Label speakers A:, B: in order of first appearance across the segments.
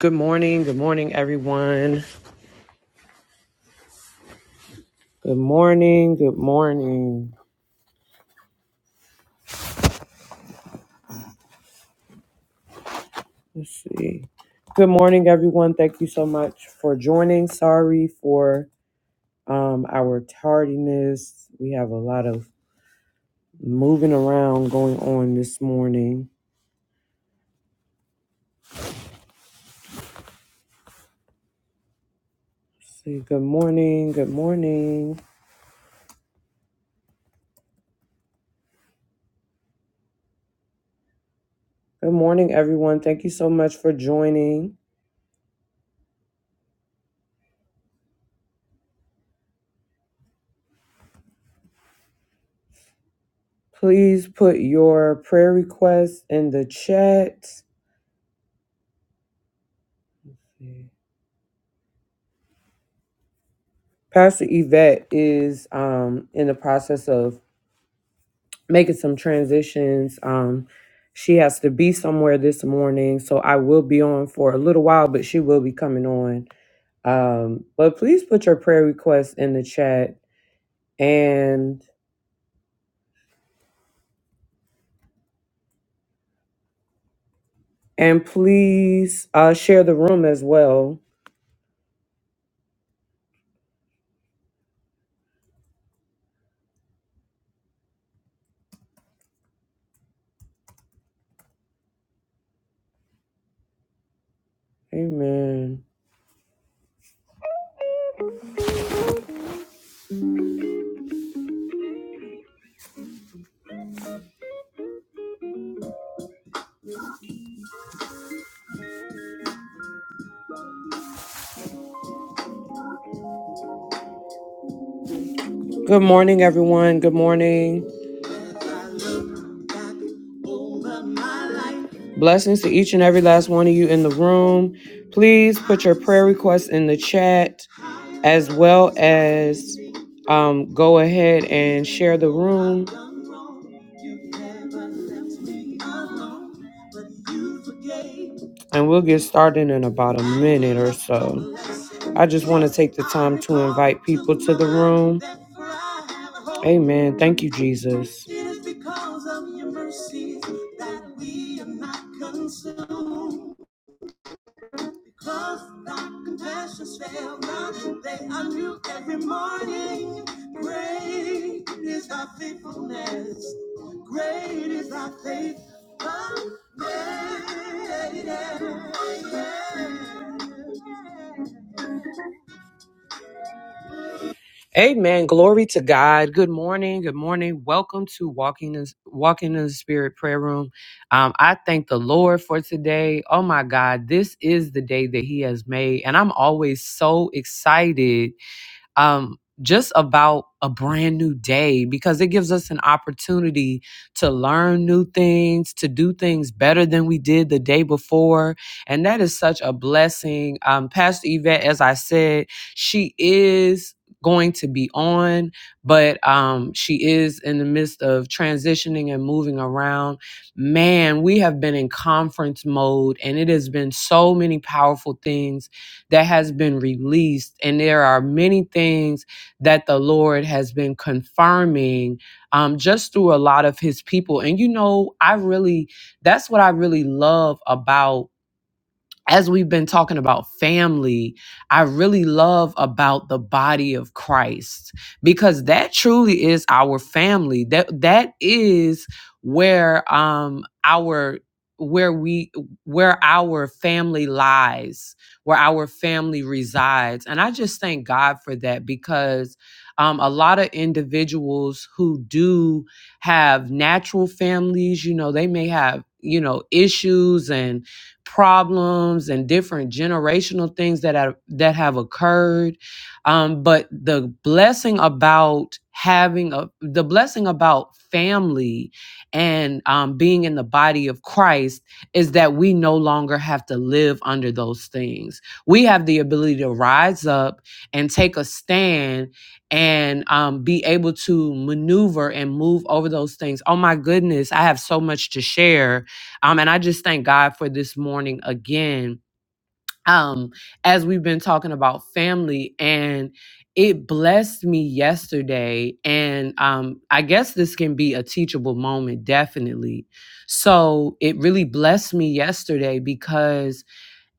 A: Good morning. Good morning, everyone. Good morning. Good morning. Let's see. Good morning, everyone. Thank you so much for joining. Sorry for um, our tardiness. We have a lot of moving around going on this morning. Let's see. Good morning. Good morning. Good morning, everyone. Thank you so much for joining. Please put your prayer requests in the chat. Pastor Yvette is um, in the process of making some transitions. Um, she has to be somewhere this morning, so I will be on for a little while, but she will be coming on. Um, but please put your prayer requests in the chat and and please uh, share the room as well. Amen. Good morning, everyone. Good morning. Blessings to each and every last one of you in the room. Please put your prayer requests in the chat as well as um, go ahead and share the room. And we'll get started in about a minute or so. I just want to take the time to invite people to the room. Amen. Thank you, Jesus. It is because of your mercies that we are not consumed. Because thy compassions fail not, they are new every morning. Great is thy faithfulness, great is thy faithfulness. Yeah, yeah, yeah. Amen. Glory to God. Good morning. Good morning. Welcome to Walking in Walking in the Spirit Prayer Room. Um, I thank the Lord for today. Oh my God, this is the day that He has made, and I'm always so excited um, just about a brand new day because it gives us an opportunity to learn new things, to do things better than we did the day before. And that is such a blessing. Um, Pastor Yvette, as I said, she is going to be on, but um, she is in the midst of transitioning and moving around. Man, we have been in conference mode and it has been so many powerful things that has been released. And there are many things that the Lord has been confirming um, just through a lot of his people. And you know, I really, that's what I really love about as we've been talking about family, I really love about the body of Christ because that truly is our family. That that is where um our where we where our family lies, where our family resides. And I just thank God for that because um, a lot of individuals who do have natural families, you know, they may have, you know, issues and problems and different generational things that have, that have occurred. Um, but the blessing about having a the blessing about family and um, being in the body of Christ is that we no longer have to live under those things. We have the ability to rise up and take a stand and um, be able to maneuver and move over those things. Oh my goodness, I have so much to share um, and I just thank God for this morning again. Um, as we've been talking about family, and it blessed me yesterday. And um, I guess this can be a teachable moment, definitely. So it really blessed me yesterday because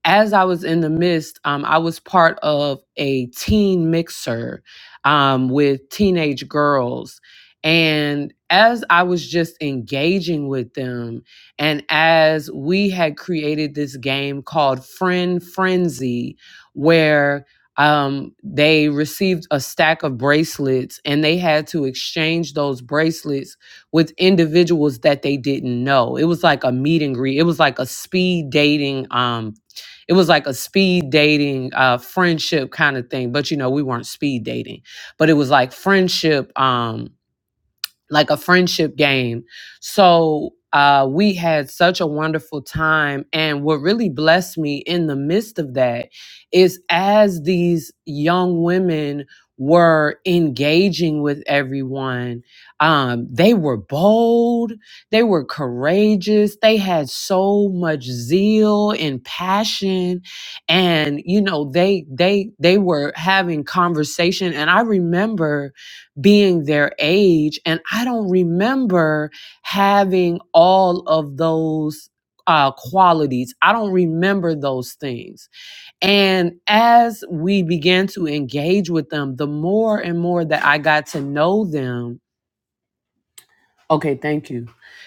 A: as I was in the midst, um, I was part of a teen mixer um, with teenage girls. And as I was just engaging with them, and as we had created this game called Friend Frenzy, where um, they received a stack of bracelets and they had to exchange those bracelets with individuals that they didn't know. It was like a meet and greet, it was like a speed dating um, it was like a speed dating, uh, friendship kind of thing. But you know, we weren't speed dating, but it was like friendship. Um, like a friendship game. So uh, we had such a wonderful time. And what really blessed me in the midst of that is as these young women were engaging with everyone, um, they were bold, they were courageous, they had so much zeal and passion. And, you know, they, they, they were having conversation. And I remember being their age. And I don't remember having all of those uh, qualities. I don't remember those things. And as we began to engage with them, the more and more that I got to know them, Okay, thank you.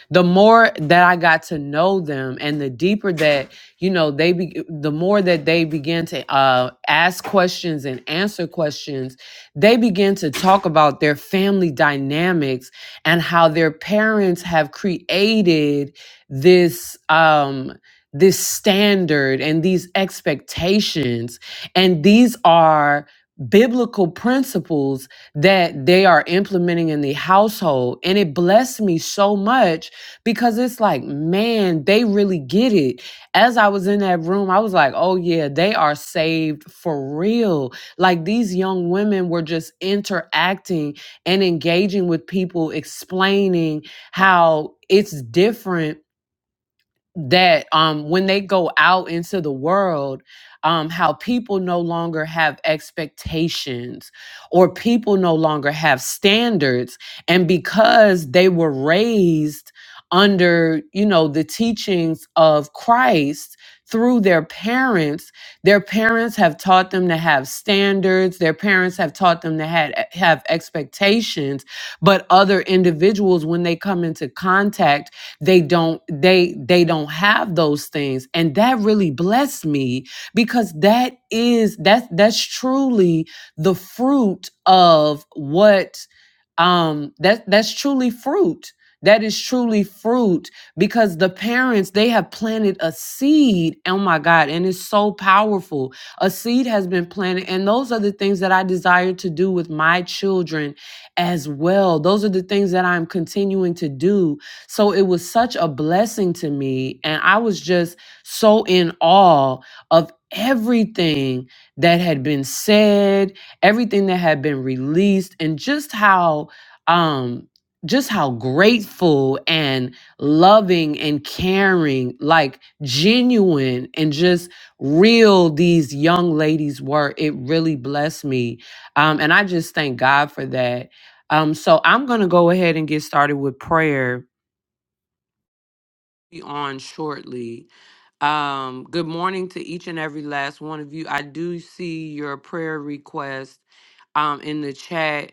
A: The more that I got to know them and the deeper that, you know, they be the more that they began to uh ask questions and answer questions, they began to talk about their family dynamics and how their parents have created this um this standard and these expectations and these are biblical principles that they are implementing in the household. And it blessed me so much because it's like, man, they really get it. As I was in that room, I was like, oh, yeah, they are saved for real. Like these young women were just interacting and engaging with people, explaining how it's different that um when they go out into the world um how people no longer have expectations or people no longer have standards and because they were raised under you know the teachings of Christ through their parents their parents have taught them to have standards their parents have taught them to have, have expectations but other individuals when they come into contact they don't they they don't have those things and that really blessed me because that is that's that's truly the fruit of what um that that's truly fruit that is truly fruit because the parents they have planted a seed oh my god and it's so powerful a seed has been planted and those are the things that i desire to do with my children as well those are the things that i'm continuing to do so it was such a blessing to me. And I was just so in awe of everything that had been said, everything that had been released, and just how, um, just how grateful and loving and caring, like genuine and just real these young ladies were. It really blessed me. Um, and I just thank God for that. Um, so I'm going to go ahead and get started with prayer be on shortly. Um, good morning to each and every last one of you. I do see your prayer request um, in the chat.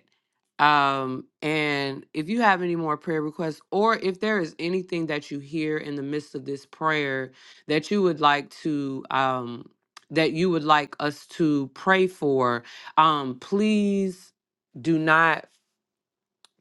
A: Um, and if you have any more prayer requests, or if there is anything that you hear in the midst of this prayer that you would like to, um, that you would like us to pray for, um, please do not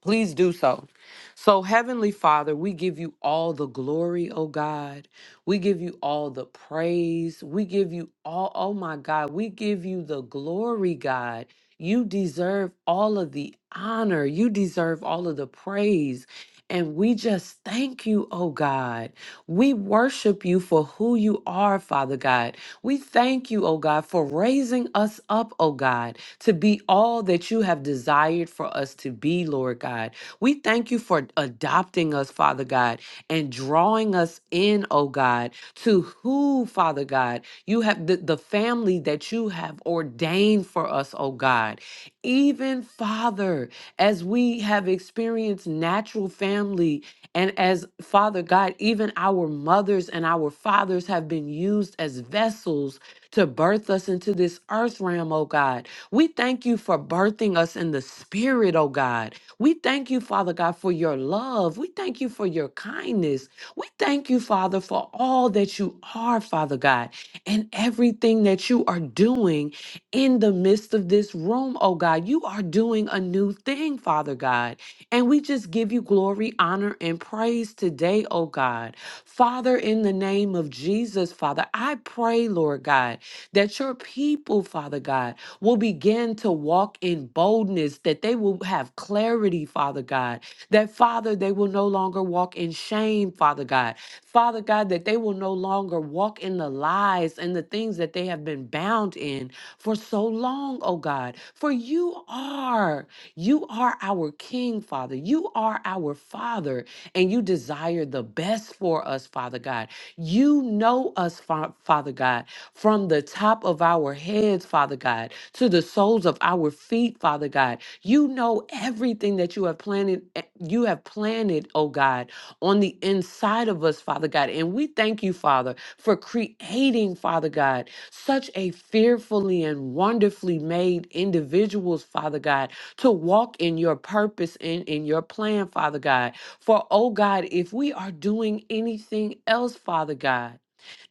A: Please do so. So, Heavenly Father, we give you all the glory, oh God. We give you all the praise. We give you all, oh my God, we give you the glory, God. You deserve all of the honor, you deserve all of the praise. And we just thank you, oh God. We worship you for who you are, Father God. We thank you, oh God, for raising us up, oh God, to be all that you have desired for us to be, Lord God. We thank you for adopting us, Father God, and drawing us in, oh God, to who, Father God, you have the, the family that you have ordained for us, oh God. Even, Father, as we have experienced natural family and as Father God, even our mothers and our fathers have been used as vessels to birth us into this earth realm, oh God. We thank you for birthing us in the spirit, oh God. We thank you, Father God, for your love. We thank you for your kindness. We thank you, Father, for all that you are, Father God, and everything that you are doing in the midst of this room, oh God. You are doing a new thing, Father God. And we just give you glory, honor, and praise today, oh God. Father, in the name of Jesus, Father, I pray, Lord God, that your people, Father God, will begin to walk in boldness, that they will have clarity, Father God, that, Father, they will no longer walk in shame, Father God. Father God, that they will no longer walk in the lies and the things that they have been bound in for so long, oh God. For you are. You are our King, Father. You are our Father, and you desire the best for us, Father God. You know us, Fa- Father God, from the top of our heads, Father God, to the soles of our feet, Father God. You know everything that you have planted, eh, you have planted, oh God, on the inside of us, Father God. And we thank you, Father, for creating, Father God, such a fearfully and wonderfully made individuals, Father God to walk in your purpose and in your plan, Father God. For, oh God, if we are doing anything else, Father God,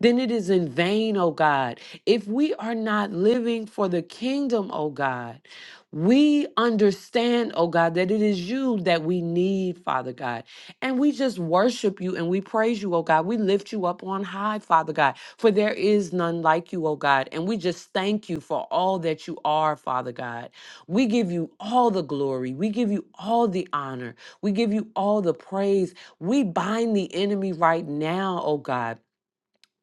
A: then it is in vain, O God. If we are not living for the kingdom, O God, we understand, O God, that it is you that we need, Father God. And we just worship you and we praise you, O God. We lift you up on high, Father God, for there is none like you, O God. And we just thank you for all that you are, Father God. We give you all the glory. We give you all the honor. We give you all the praise. We bind the enemy right now, oh God.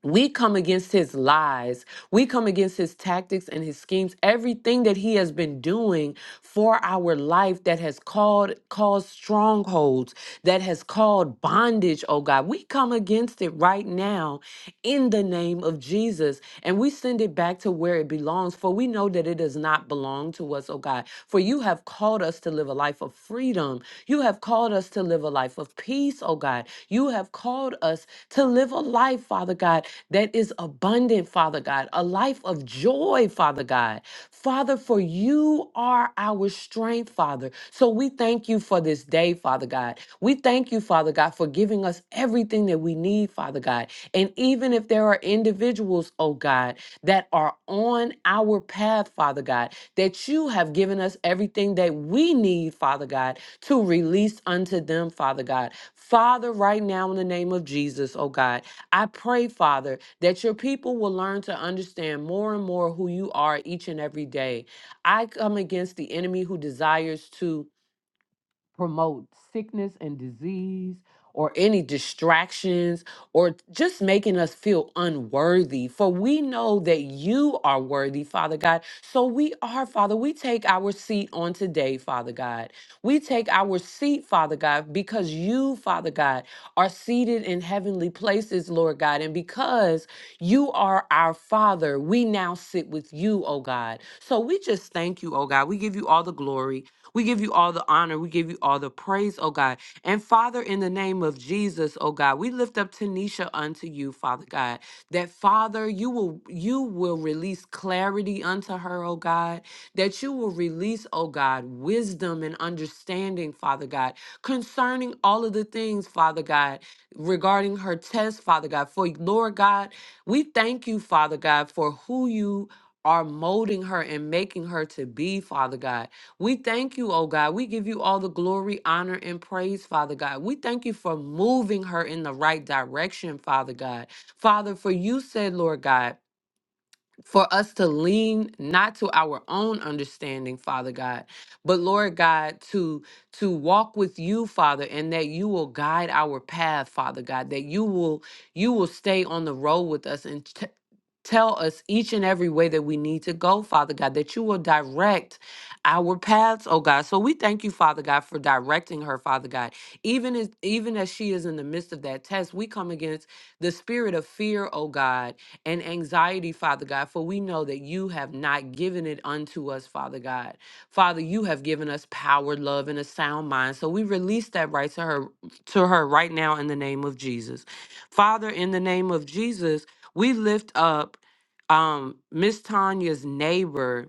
A: We come against his lies. We come against his tactics and his schemes. Everything that he has been doing for our life that has called caused strongholds, that has called bondage, oh God. We come against it right now in the name of Jesus. And we send it back to where it belongs. For we know that it does not belong to us, oh God. For you have called us to live a life of freedom. You have called us to live a life of peace, oh God. You have called us to live a life, Father God, that is abundant, Father God, a life of joy, Father God. Father, for you are our strength, Father. So we thank you for this day, Father God. We thank you, Father God, for giving us everything that we need, Father God. And even if there are individuals, oh God, that are on our path, Father God, that you have given us everything that we need, Father God, to release unto them, Father God. Father, right now in the name of Jesus, oh God. I pray, Father, that your people will learn to understand more and more who you are each and every day. I come against the enemy who desires to promote sickness and disease or any distractions or just making us feel unworthy. For we know that you are worthy, Father God. So we are, Father. We take our seat on today, Father God. We take our seat, Father God, because you, Father God, are seated in heavenly places, Lord God. And because you are our Father, we now sit with you, oh God. So we just thank you, oh God. We give you all the glory. We give you all the honor. We give you all the praise, oh God. And Father, in the name of Jesus, oh God, we lift up Tanisha unto you, Father God, that Father, you will you will release clarity unto her, oh God, that you will release, oh God, wisdom and understanding, Father God, concerning all of the things, Father God, regarding her test, Father God. For Lord God, we thank you, Father God, for who you are molding her and making her to be, Father God. We thank you, oh God. We give you all the glory, honor, and praise, Father God. We thank you for moving her in the right direction, Father God. Father, for you said, Lord God for us to lean not to our own understanding father god but lord god to to walk with you father and that you will guide our path father god that you will you will stay on the road with us and t- tell us each and every way that we need to go father god that you will direct our paths oh god so we thank you father god for directing her father god even as even as she is in the midst of that test we come against the spirit of fear oh god and anxiety, Father God, for we know that you have not given it unto us, Father God. Father, you have given us power, love, and a sound mind. So we release that right to her to her right now in the name of Jesus. Father, in the name of Jesus, we lift up um Miss Tanya's neighbor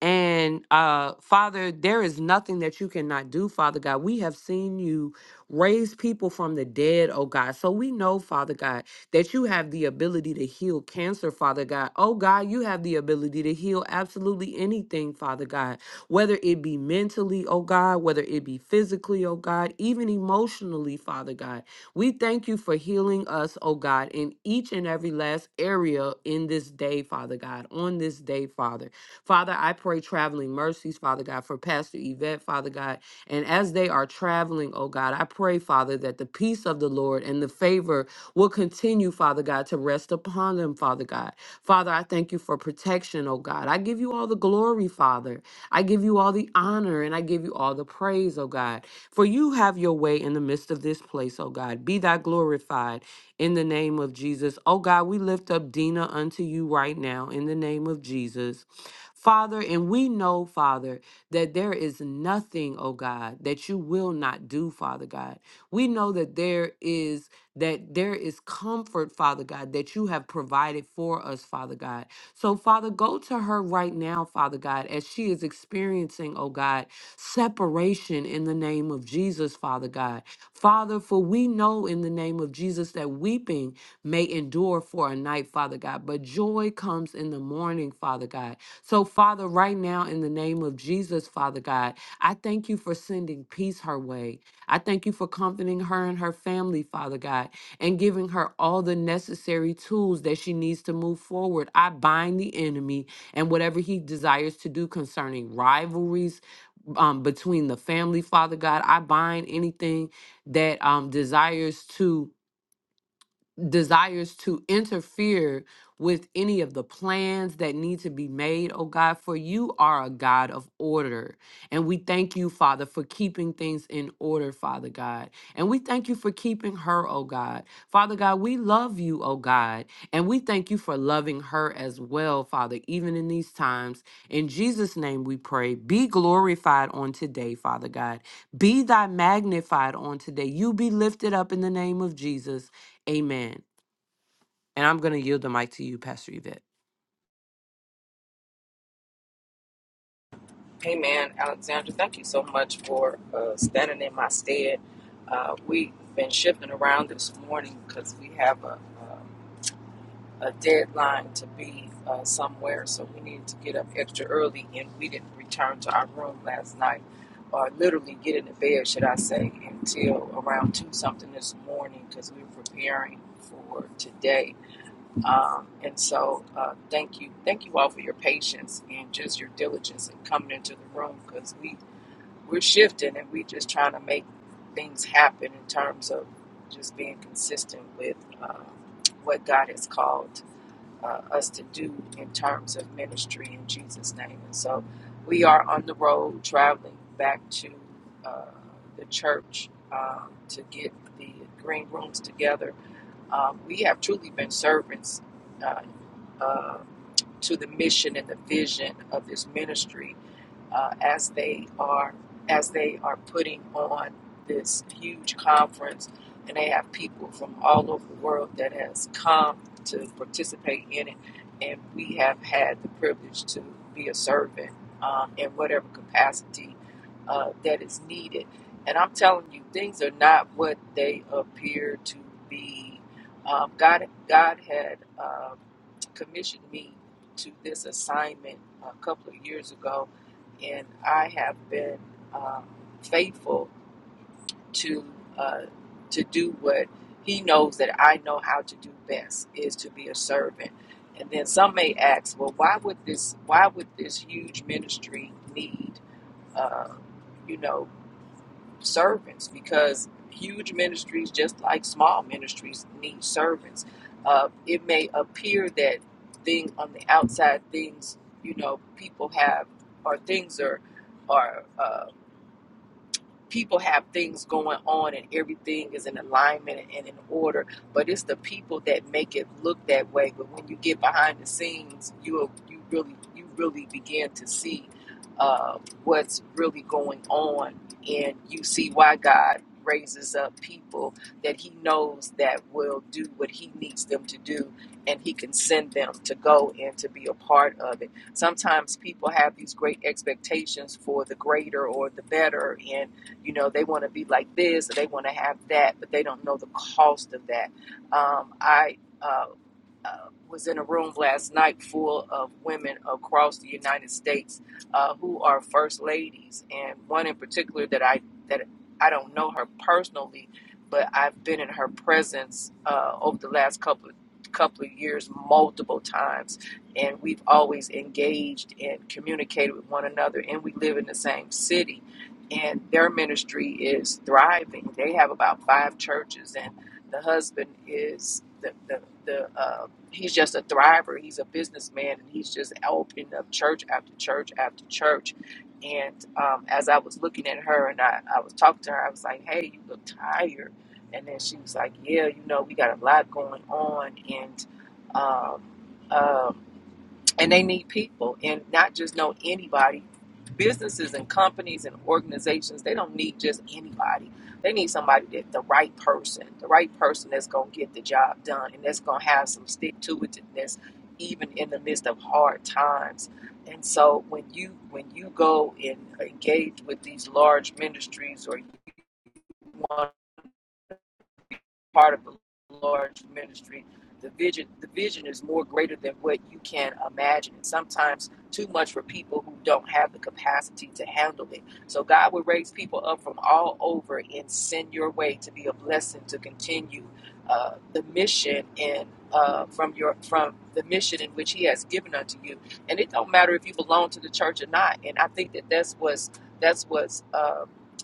A: and uh, Father, there is nothing that you cannot do, Father God. We have seen you raise people from the dead, oh God. So we know, Father God, that you have the ability to heal cancer, Father God. Oh God, you have the ability to heal absolutely anything, Father God, whether it be mentally, oh God, whether it be physically, oh God, even emotionally, Father God. We thank you for healing us, oh God, in each and every last area in this day, Father God, on this day, Father. Father, I pray traveling mercies, Father God, for Pastor Yvette, Father God. And as they are traveling, oh God, I pray, Father, that the peace of the Lord and the favor will continue, Father God, to rest upon them, Father God. Father, I thank you for protection, oh God. I give you all the glory, Father. I give you all the honor and I give you all the praise, oh God. For you have your way in the midst of this place, oh God. Be thou glorified in the name of Jesus. Oh God, we lift up Dina unto you right now in the name of Jesus. Father, and we know, Father, that there is nothing, oh God, that you will not do, Father God. We know that there is that there is comfort, Father God, that you have provided for us, Father God. So, Father, go to her right now, Father God, as she is experiencing, oh God, separation in the name of Jesus, Father God. Father, for we know in the name of Jesus that weeping may endure for a night, Father God, but joy comes in the morning, Father God. So, Father, right now, in the name of Jesus, Father God, I thank you for sending peace her way. I thank you for comforting her and her family, Father God and giving her all the necessary tools that she needs to move forward. I bind the enemy and whatever he desires to do concerning rivalries um, between the family, Father God. I bind anything that um, desires to desires to interfere with any of the plans that need to be made, oh God, for you are a God of order. And we thank you, Father, for keeping things in order, Father God. And we thank you for keeping her, oh God. Father God, we love you, oh God. And we thank you for loving her as well, Father, even in these times. In Jesus' name we pray. Be glorified on today, Father God. Be thy magnified on today. You be lifted up in the name of Jesus. Amen. And I'm going to yield the mic to you, Pastor Yvette.
B: Hey man, Alexandra, thank you so much for uh, standing in my stead. Uh, we've been shifting around this morning because we have a, a, a deadline to be uh, somewhere, so we needed to get up extra early, and we didn't return to our room last night, or literally get into bed, should I say, until around two something this morning because we were preparing for today. Um, and so, uh, thank you, thank you all for your patience and just your diligence in coming into the room because we we're shifting and we just trying to make things happen in terms of just being consistent with uh, what God has called uh, us to do in terms of ministry in Jesus' name. And so we are on the road traveling back to uh, the church uh, to get the green rooms together. Um, we have truly been servants uh, uh, to the mission and the vision of this ministry uh, as they are as they are putting on this huge conference, and they have people from all over the world that has come to participate in it, and we have had the privilege to be a servant um, in whatever capacity uh, that is needed. And I'm telling you, things are not what they appear to be. Um, God, God had um commissioned me to this assignment a couple of years ago and I have been um, faithful to uh, to do what He knows that I know how to do best is to be a servant. And then some may ask, well, why would this why would this huge ministry need uh, you know servants? Because huge ministries, just like small ministries, need servants. Uh, it may appear that thing on the outside things you know people have or things are are. Uh, people have things going on and everything is in alignment and in order, but it's the people that make it look that way. But when you get behind the scenes, you you really you really begin to see uh, what's really going on, and you see why God raises up people that He knows that will do what He needs them to do, and He can send them to go and to be a part of it. Sometimes people have these great expectations for the greater or the better, and you know, they want to be like this or they want to have that, but they don't know the cost of that. Um, I uh, uh, was in a room last night full of women across the United States uh, who are first ladies, and one in particular that I that I don't know her personally, but I've been in her presence uh, over the last couple of couple of years multiple times and we've always engaged and communicated with one another and we live in the same city and their ministry is thriving they have about five churches and the husband is the the, the uh, he's just a thriver. He's a businessman, and he's just opening up church after church after church. And um, as I was looking at her, and I, I was talking to her, I was like, "Hey, you look tired." And then she was like, "Yeah, you know, we got a lot going on, and um, um and they need people and not just know anybody businesses and companies and organizations they don't need just anybody they need somebody that the right person the right person that's going to get the job done and that's going to have some stick to itiveness even in the midst of hard times and so when you when you go and engage with these large ministries or you want part of the Lord's ministry. The vision, the vision is more greater than what you can imagine, and sometimes too much for people who don't have the capacity to handle it. So God will raise people up from all over and send your way to be a blessing to continue uh, the mission and uh, from your from the mission in which He has given unto you. And it don't matter if you belong to the church or not. And I think that that's what's that's what's. Um,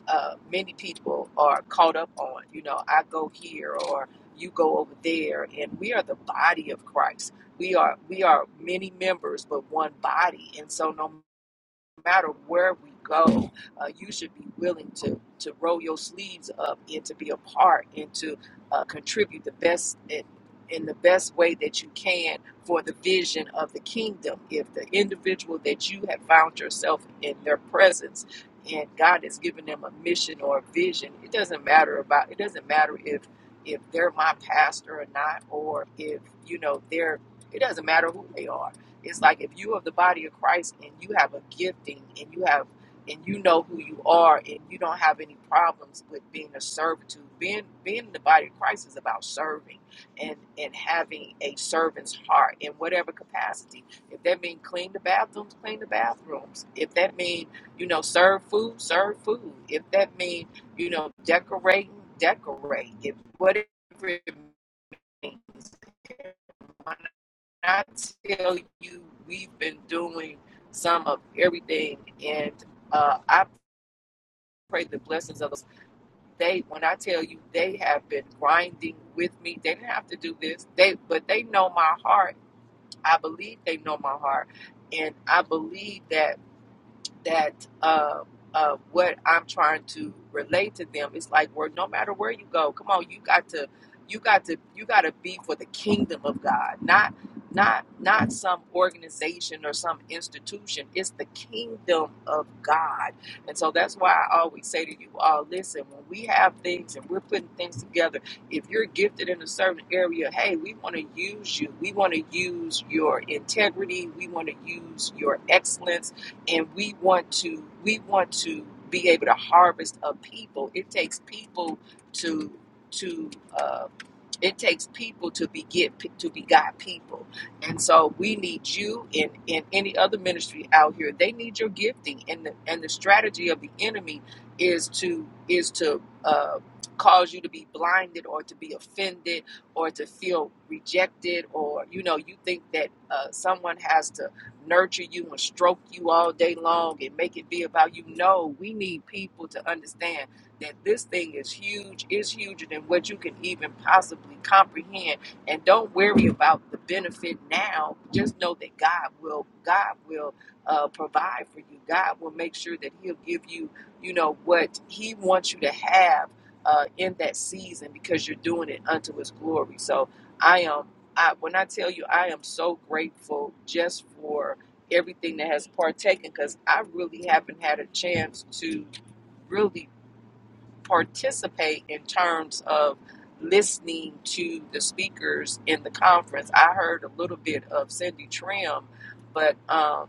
B: uh, many people are caught up on. You know, I go here or you go over there, and we are the body of Christ. We are we are many members, but one body. And so, no no matter where we go, uh, you should be willing to to roll your sleeves up and to be a part and to uh, contribute the best in, in the best way that you can for the vision of the kingdom. If the individual that you have found yourself in their presence and God has given them a mission or a vision, it doesn't matter about it doesn't matter if if they're my pastor or not, or if you know they're it doesn't matter who they are it's like if you of the body of Christ and you have a gifting and you have and you know who you are and you don't have any problems with being a servitude. Being being in the body of Christ is about serving and and having a servant's heart in whatever capacity. If that means clean the bathrooms, clean the bathrooms. If that means, you know, serve food, serve food. If that means, you know, decorating, decorate. If whatever it means I tell you, we've been doing some of everything, and uh, I pray the blessings of those. They, when I tell you, they have been grinding with me. They didn't have to do this. They, but they know my heart. I believe they know my heart, and I believe that that uh, uh, what I'm trying to relate to them is like where no matter where you go, come on, you got to, you got to, you got to be for the kingdom of God, not not not some organization or some institution. It's the kingdom of God, and so that's why I always say to you all, listen, when we have things and we're putting things together, if you're gifted in a certain area, hey, we want to use you. We want to use your integrity. We want to use your excellence and we want to we want to be able to harvest a people. It takes people to to uh, it takes people to be get to be God people, and so we need you in in any other ministry out here. They need your gifting, and the and the strategy of the enemy is to is to uh, cause you to be blinded or to be offended or to feel rejected or you know you think that uh, someone has to nurture you and stroke you all day long and make it be about you. No, we need people to understand that this thing is huge, is huger than what you can even possibly comprehend. And don't worry about the benefit now. Just know that God will, God will uh, provide for you. God will make sure that He'll give you, you know, what He wants you to have uh, in that season because you're doing it unto His glory. So I am, I when I tell you, I am so grateful just for everything that has partaken because I really haven't had a chance to really participate in terms of listening to the speakers in the conference. I heard a little bit of Cindy Trim, but um,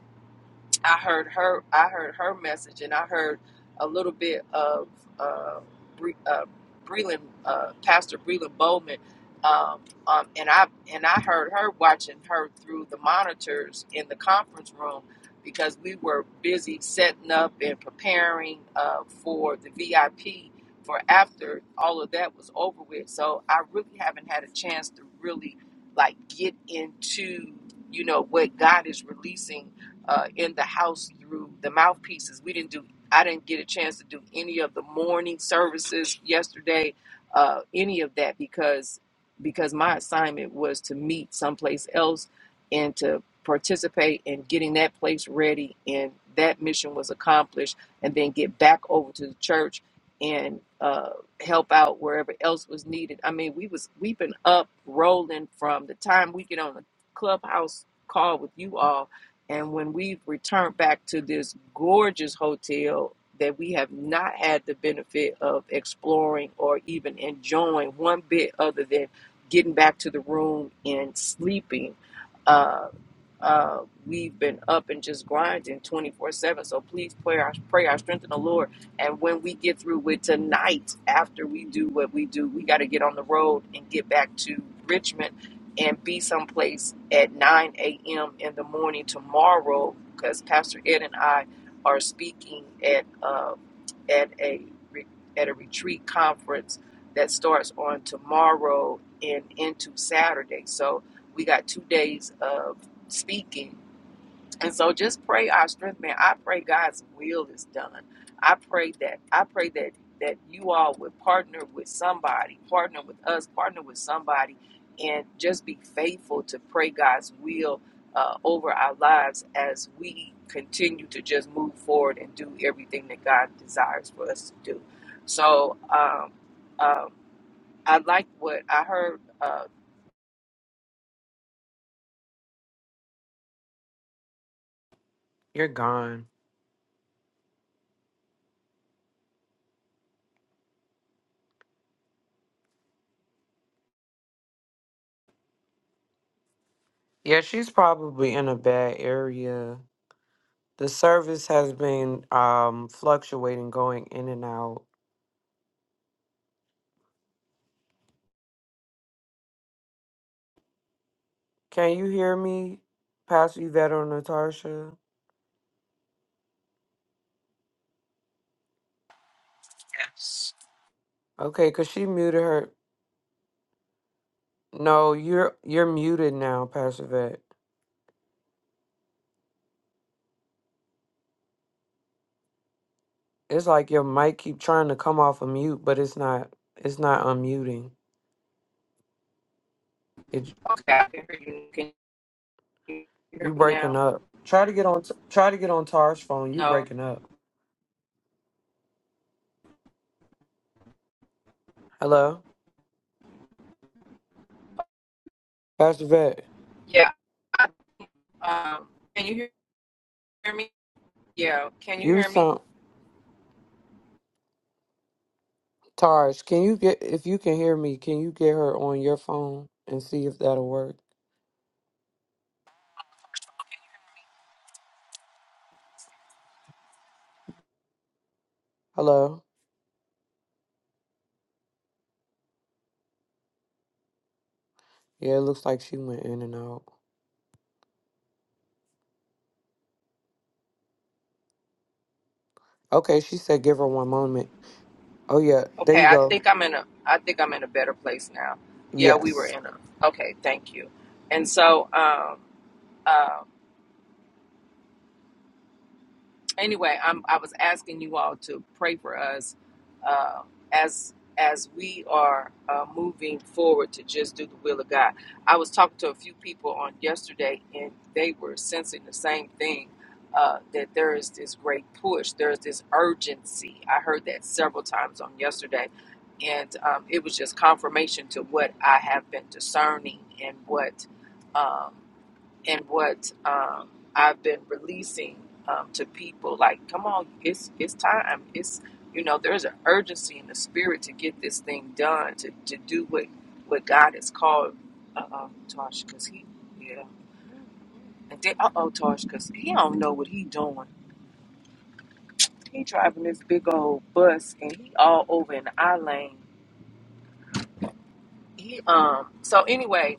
B: I heard her. I heard her message, and I heard a little bit of uh, Bre- uh, Breland, uh, Pastor Breland Bowman, um, um, and I and I heard her watching her through the monitors in the conference room because we were busy setting up and preparing uh, for the VIP for after all of that was over with. So I really haven't had a chance to really like get into you know what God is releasing uh, in the house through the mouthpieces. We didn't do. I didn't get a chance to do any of the morning services yesterday, uh, any of that because because my assignment was to meet someplace else and to participate in getting that place ready and that mission was accomplished and then get back over to the church and uh, help out wherever else was needed. I mean, we was we've been up rolling from the time we get on the clubhouse call with you all and when we returned back to this gorgeous hotel that we have not had the benefit of exploring or even enjoying one bit other than getting back to the room and sleeping, uh, uh, we've been up and just grinding 24 7. So please pray our, pray our strength in the Lord. And when we get through with tonight, after we do what we do, we got to get on the road and get back to Richmond and be someplace at 9 a.m. in the morning tomorrow because Pastor Ed and I are speaking at uh, at a at a retreat conference that starts on tomorrow and into Saturday. So we got two days of speaking and so just pray our strength, man. I pray God's will is done. I pray that I pray that that you all would partner with somebody, partner with us, partner with somebody, and just be faithful to pray God's will uh, over our lives as we continue to just move forward and do everything that God desires for us to do. So um, um, I like what I heard. Uh,
A: You're gone. Yeah, she's probably in a bad area. The service has been um fluctuating, going in and out. Can you hear me, Pastor Yvette or Natasha?
C: Yes.
A: Okay, cause she muted her. No, you're you're muted now, Pastor Yvette. It's like your mic keep trying to come off a mute, but it's not. It's not unmuting. It
B: okay, I can hear you. Can you
A: you
B: hear me
A: breaking
B: now?
A: up. Try to get on. Try to get on Tar's phone. You
B: No.
A: breaking up. Hello. Pastor Vet,
B: Yeah. Um, can you hear me? Yeah, can you
A: you
B: hear me?
A: sound Taj. Can you get if you can hear me? Can you get her on your phone and see if that'll work?
C: Okay, you can hear
A: Hello. Yeah, it looks like she went in and out. Okay, she said give her one moment. Oh yeah, there
B: Okay,
A: you
B: I
A: go.
B: think I'm in a I think I'm in a better place now. Yeah, we were
A: Yes.
B: in a Okay, thank you. And so um um anyway, I'm I was asking you all to pray for us uh, as as we are uh, moving forward to just do the will of God. I was talking to a few people on yesterday, and they were sensing the same thing. Uh, that there is this great push, there's this urgency. I heard that several times on yesterday, and um, it was just confirmation to what I have been discerning and what um, and what um, I've been releasing um, to people. Like, come on, it's it's time. It's you know, there's an urgency in the spirit to get this thing done, to, to do what what God has called. Uh oh, Tosh, cause he yeah, and then uh oh, Tosh, cause he don't know what he doing. He driving this big old bus and he all over in our lane. He um. So anyway,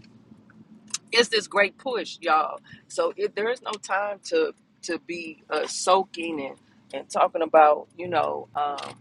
B: it's this great push, y'all. So it, there is no time to to be uh, soaking and and talking about you know. Um,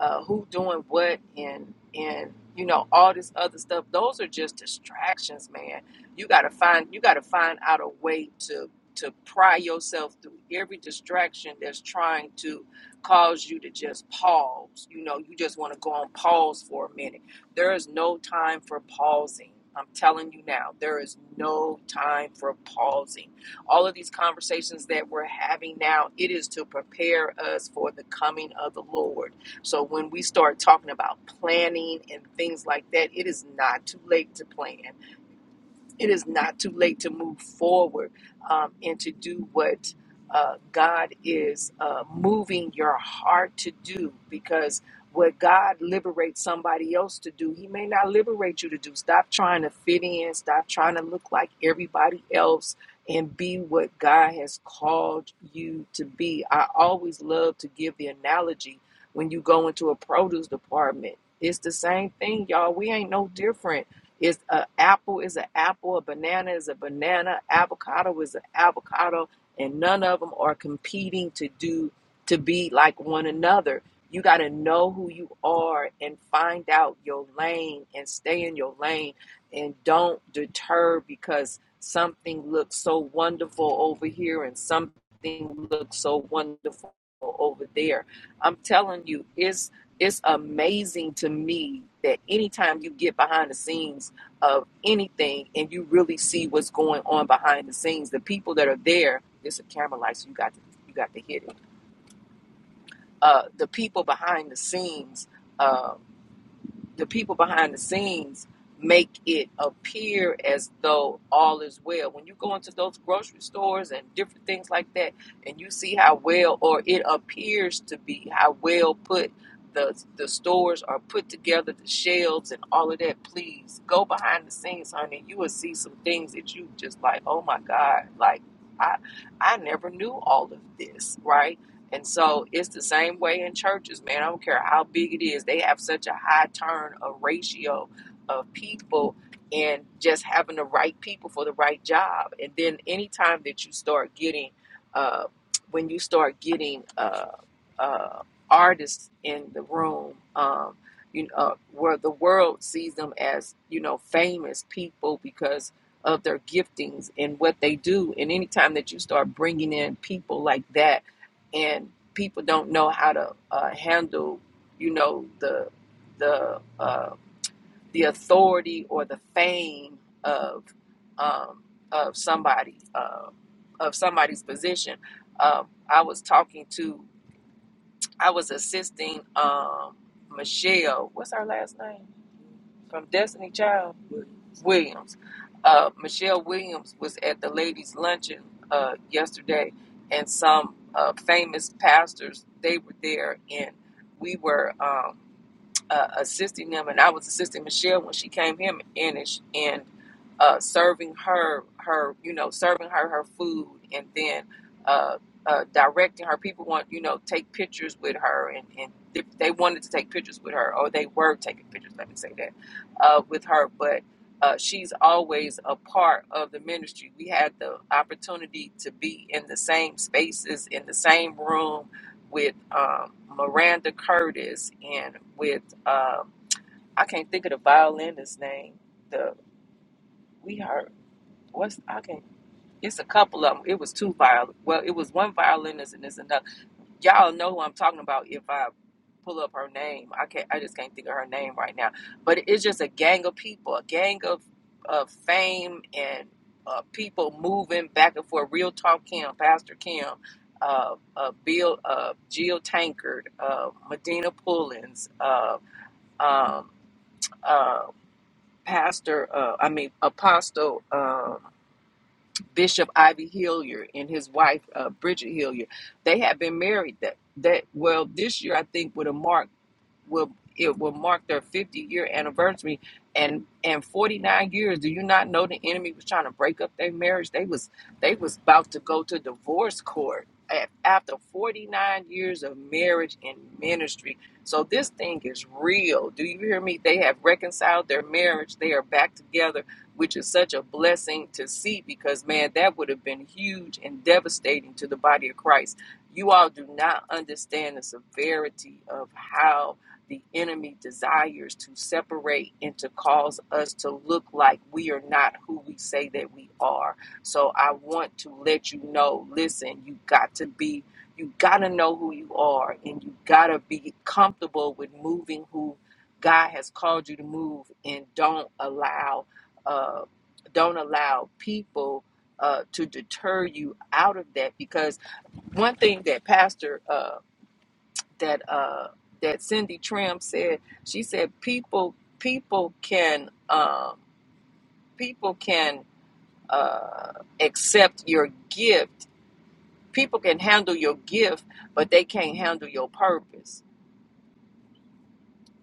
B: uh, who doing what and and you know all this other stuff those are just distractions man you gotta find you gotta find out a way to to pry yourself through every distraction that's trying to cause you to just pause you know you just want to go on pause for a minute there is no time for pausing i'm telling you now there is no time for pausing all of these conversations that we're having now it is to prepare us for the coming of the lord so when we start talking about planning and things like that, it is not too late to plan it is not too late to move forward um, and to do what uh, God is uh, moving your heart to do because what God liberates somebody else to do, He may not liberate you to do. Stop trying to fit in, stop trying to look like everybody else, and be what God has called you to be. I always love to give the analogy when you go into a produce department. It's the same thing, y'all. We ain't no different it's a apple is an apple, a banana is a banana, avocado is an avocado, and none of them are competing to do to be like one another. You got to know who you are and find out your lane and stay in your lane and don't deter because something looks so wonderful over here and something looks so wonderful over there. I'm telling you, it's it's amazing to me that anytime you get behind the scenes of anything and you really see what's going on behind the scenes. The people that are there, it's a camera light, so you got to you got to hit it. Uh, the people behind the scenes um, the people behind the scenes make it appear as though all is well. When you go into those grocery stores and different things like that, and you see how well, or it appears to be how well put the the stores are put together, the shelves and all of that. Please go behind the scenes, honey. You will see some things that you just like. Oh my God! Like I I never knew all of this, right? And so it's the same way in churches, man. I don't care how big it is. They have such a high turn of ratio of people and just having the right people for the right job. And then anytime that you start getting, uh, when you start getting uh, uh, artists in the room, um, you know, uh, where the world sees them as, you know, famous people because of their giftings and what they do. And anytime that you start bringing in people like that, and people don't know how to uh, handle, you know, the the uh, the authority or the fame of um, of somebody uh, of somebody's position. Um, I was talking to, I was assisting um, Michelle. What's her last name? from Destiny Child Williams. Williams. Uh, Michelle Williams was at the ladies' luncheon uh, yesterday, and some uh, famous pastors they were there, and we were. Um, uh, assisting them, and I was assisting Michelle when she came him in and, sh- and uh, serving her her you know serving her her food, and then uh, uh, directing her. People want you know take pictures with her, and and if they wanted to take pictures with her, or they were taking pictures. Let me say that uh, with her, but. Uh, she's always a part of the ministry. We had the opportunity to be in the same spaces, in the same room, with um, Miranda Curtis and with um, I can't think of the violinist's name. The we heard what's I can't. It's a couple of them. It was two viol. Well, it was one violinist and there's another y'all know who I'm talking about if I pull up her name. I can't. I just can't think of her name right now. But it's just a gang of people, a gang of of fame and uh, people moving back and forth. Real talk, Kim, Pastor Kim, uh, uh, Bill, uh, Jill Tankard, uh, Medina Pullins, uh, um, uh, Pastor. Uh, I mean Apostle. Um, Bishop Ivy Hilliard and his wife uh, Bridget Hilliard. They had been married that that well this year I think would have marked will it will mark their 50 year anniversary and and 49 years do you not know the enemy was trying to break up their marriage they was they was about to go to divorce court a- after 49 years of marriage and ministry so this thing is real do you hear me they have reconciled their marriage they are back together which is such a blessing to see because man that would have been huge and devastating to the body of christ you all do not understand the severity of how the enemy desires to separate and to cause us to look like we are not who we say that we are. So I want to let you know listen, you got to be, you got to know who you are, and you got to be comfortable with moving who God has called you to move, and don't allow, uh, don't allow people. Uh, to deter you out of that because one thing that Pastor uh, that uh that Cindy Trim said. She said people people can um people can uh accept your gift. People can handle your gift, but they can't handle your purpose.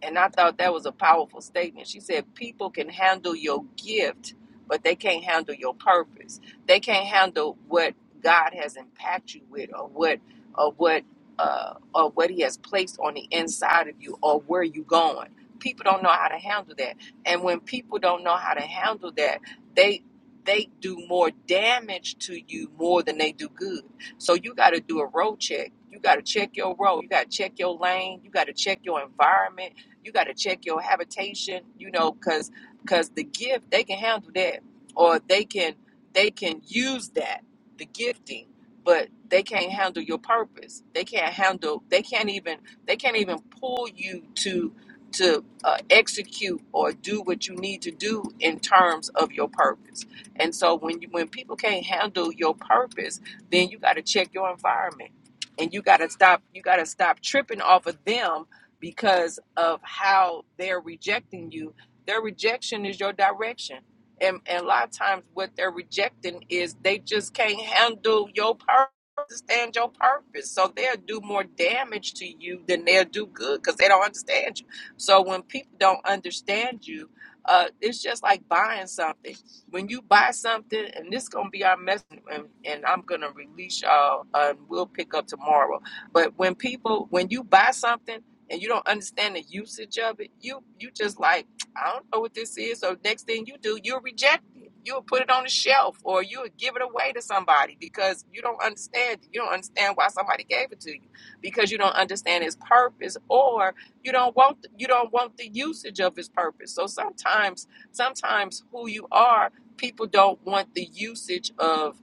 B: And I thought that was a powerful statement. She said, People can handle your gift, but they can't handle your purpose. They can't handle what God has impacted you with or what or what uh, or what he has placed on the inside of you or where you going. People don't know how to handle that. And when people don't know how to handle that, they they do more damage to you more than they do good. So you got to do a road check. You got to check your road. You got to check your lane. You got to check your environment you got to check your habitation, you know, because because the gift they can handle that, or they can they can use that the gifting, but they can't handle your purpose. They can't handle. They can't even they can't even pull you to to uh, execute or do what you need to do in terms of your purpose. And so when you when people can't handle your purpose, then you got to check your environment and you got to stop you got to stop tripping off of them because of how they're rejecting you. Their rejection is your direction. And, and a lot of times, what they're rejecting is they just can't handle your purpose, understand your purpose. So they'll do more damage to you than they'll do good because they don't understand you. So when people don't understand you, uh, it's just like buying something. When you buy something, and this is going to be our message, and, and I'm going to release y'all, uh, and we'll pick up tomorrow. But when people, when you buy something, and you don't understand the usage of it, you you just like, I don't know what this is. So next thing you do, you'll reject it. You'll put it on the shelf or you'll give it away to somebody because you don't understand it. You don't understand why somebody gave it to you. Because you don't understand its purpose or you don't want you don't want the usage of its purpose. So sometimes sometimes who you are, people don't want the usage of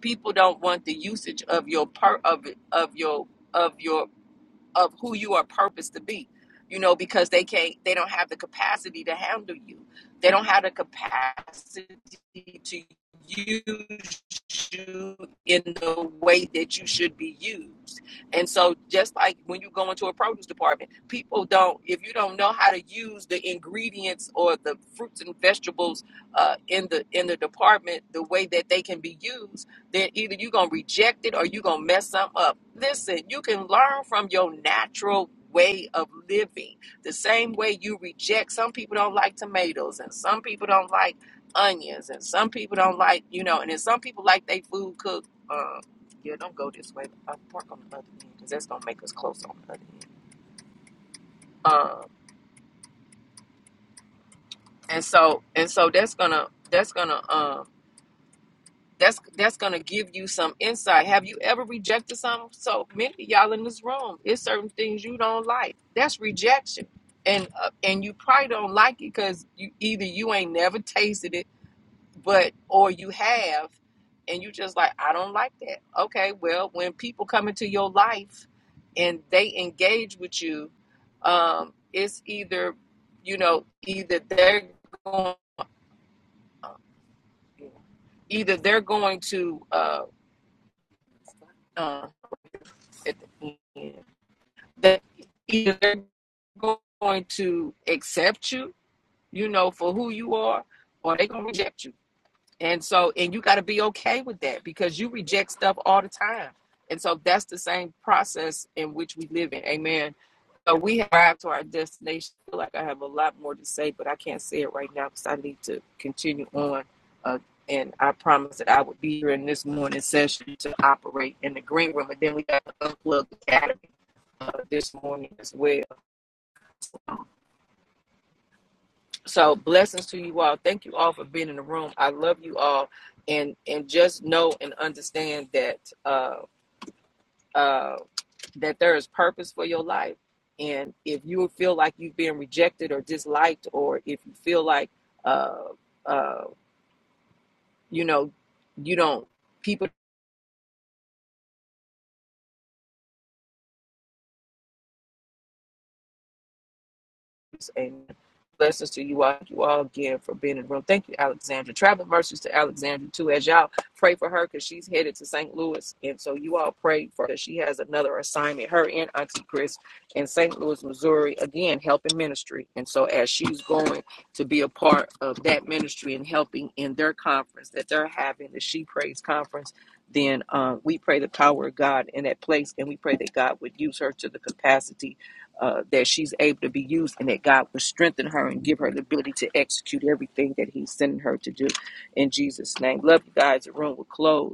B: people don't want the usage of your per of of your of your of who you are purposed to be you know because they can't they don't have the capacity to handle you they don't have the capacity to use you in the way that you should be used and so just like when you go into a produce department people don't if you don't know how to use the ingredients or the fruits and vegetables uh, in the in the department the way that they can be used then either you're going to reject it or you're going to mess something up. Listen, you can learn from your natural way of living. The same way you reject, some people don't like tomatoes and some people don't like onions and some people don't like, you know, and then some people like they food cooked. Um, yeah, don't go this way. I'll park on the other end because that's going to make us close on the other end. Um, and so, and so that's going to, that's going to, um, that's that's gonna give you some insight. Have you ever rejected something? So many of y'all in this room, it's certain things you don't like. That's rejection, and uh, and you probably don't like it because you either you ain't never tasted it, but or you have, and you just like I don't like that. Okay, well when people come into your life and they engage with you, um, it's either you know either they're going either they're going to uh, um, at the end. That either they're going to accept you, you know, for who you are, or they're gonna reject you. And so, and you got to be okay with that because you reject stuff all the time. And so, that's the same process in which we live in. Amen. So we arrived to our destination. I feel like I have a lot more to say, but I can't say it right now because I need to continue on. Uh, and I promised that I would be here in this morning session to operate in the green room. And then we got the Unplugged Academy uh, this morning as well. So blessings to you all. Thank you all for being in the room. I love you all, and and just know and understand that. Uh, uh, that there is purpose for your life. And if you feel like you've been rejected or disliked, or if you feel like, uh, uh, you know, you don't, people. Amen. Blessings to you all. Thank you all again for being in the room. Thank you, Alexandra. Travel mercies to Alexandra too. As y'all pray for her, because she's headed to St. Louis, and so you all pray for her. She has another assignment. Her and Auntie Chris in St. Louis, Missouri, again helping ministry. And so as she's going to be a part of that ministry and helping in their conference that they're having, the She Prays conference, then um, we pray the power of God in that place, and we pray that God would use her to the capacity uh, that she's able to be used and that God will strengthen her and give her the ability to execute everything that He's sending her to do in Jesus' name. Love you guys. The room will close.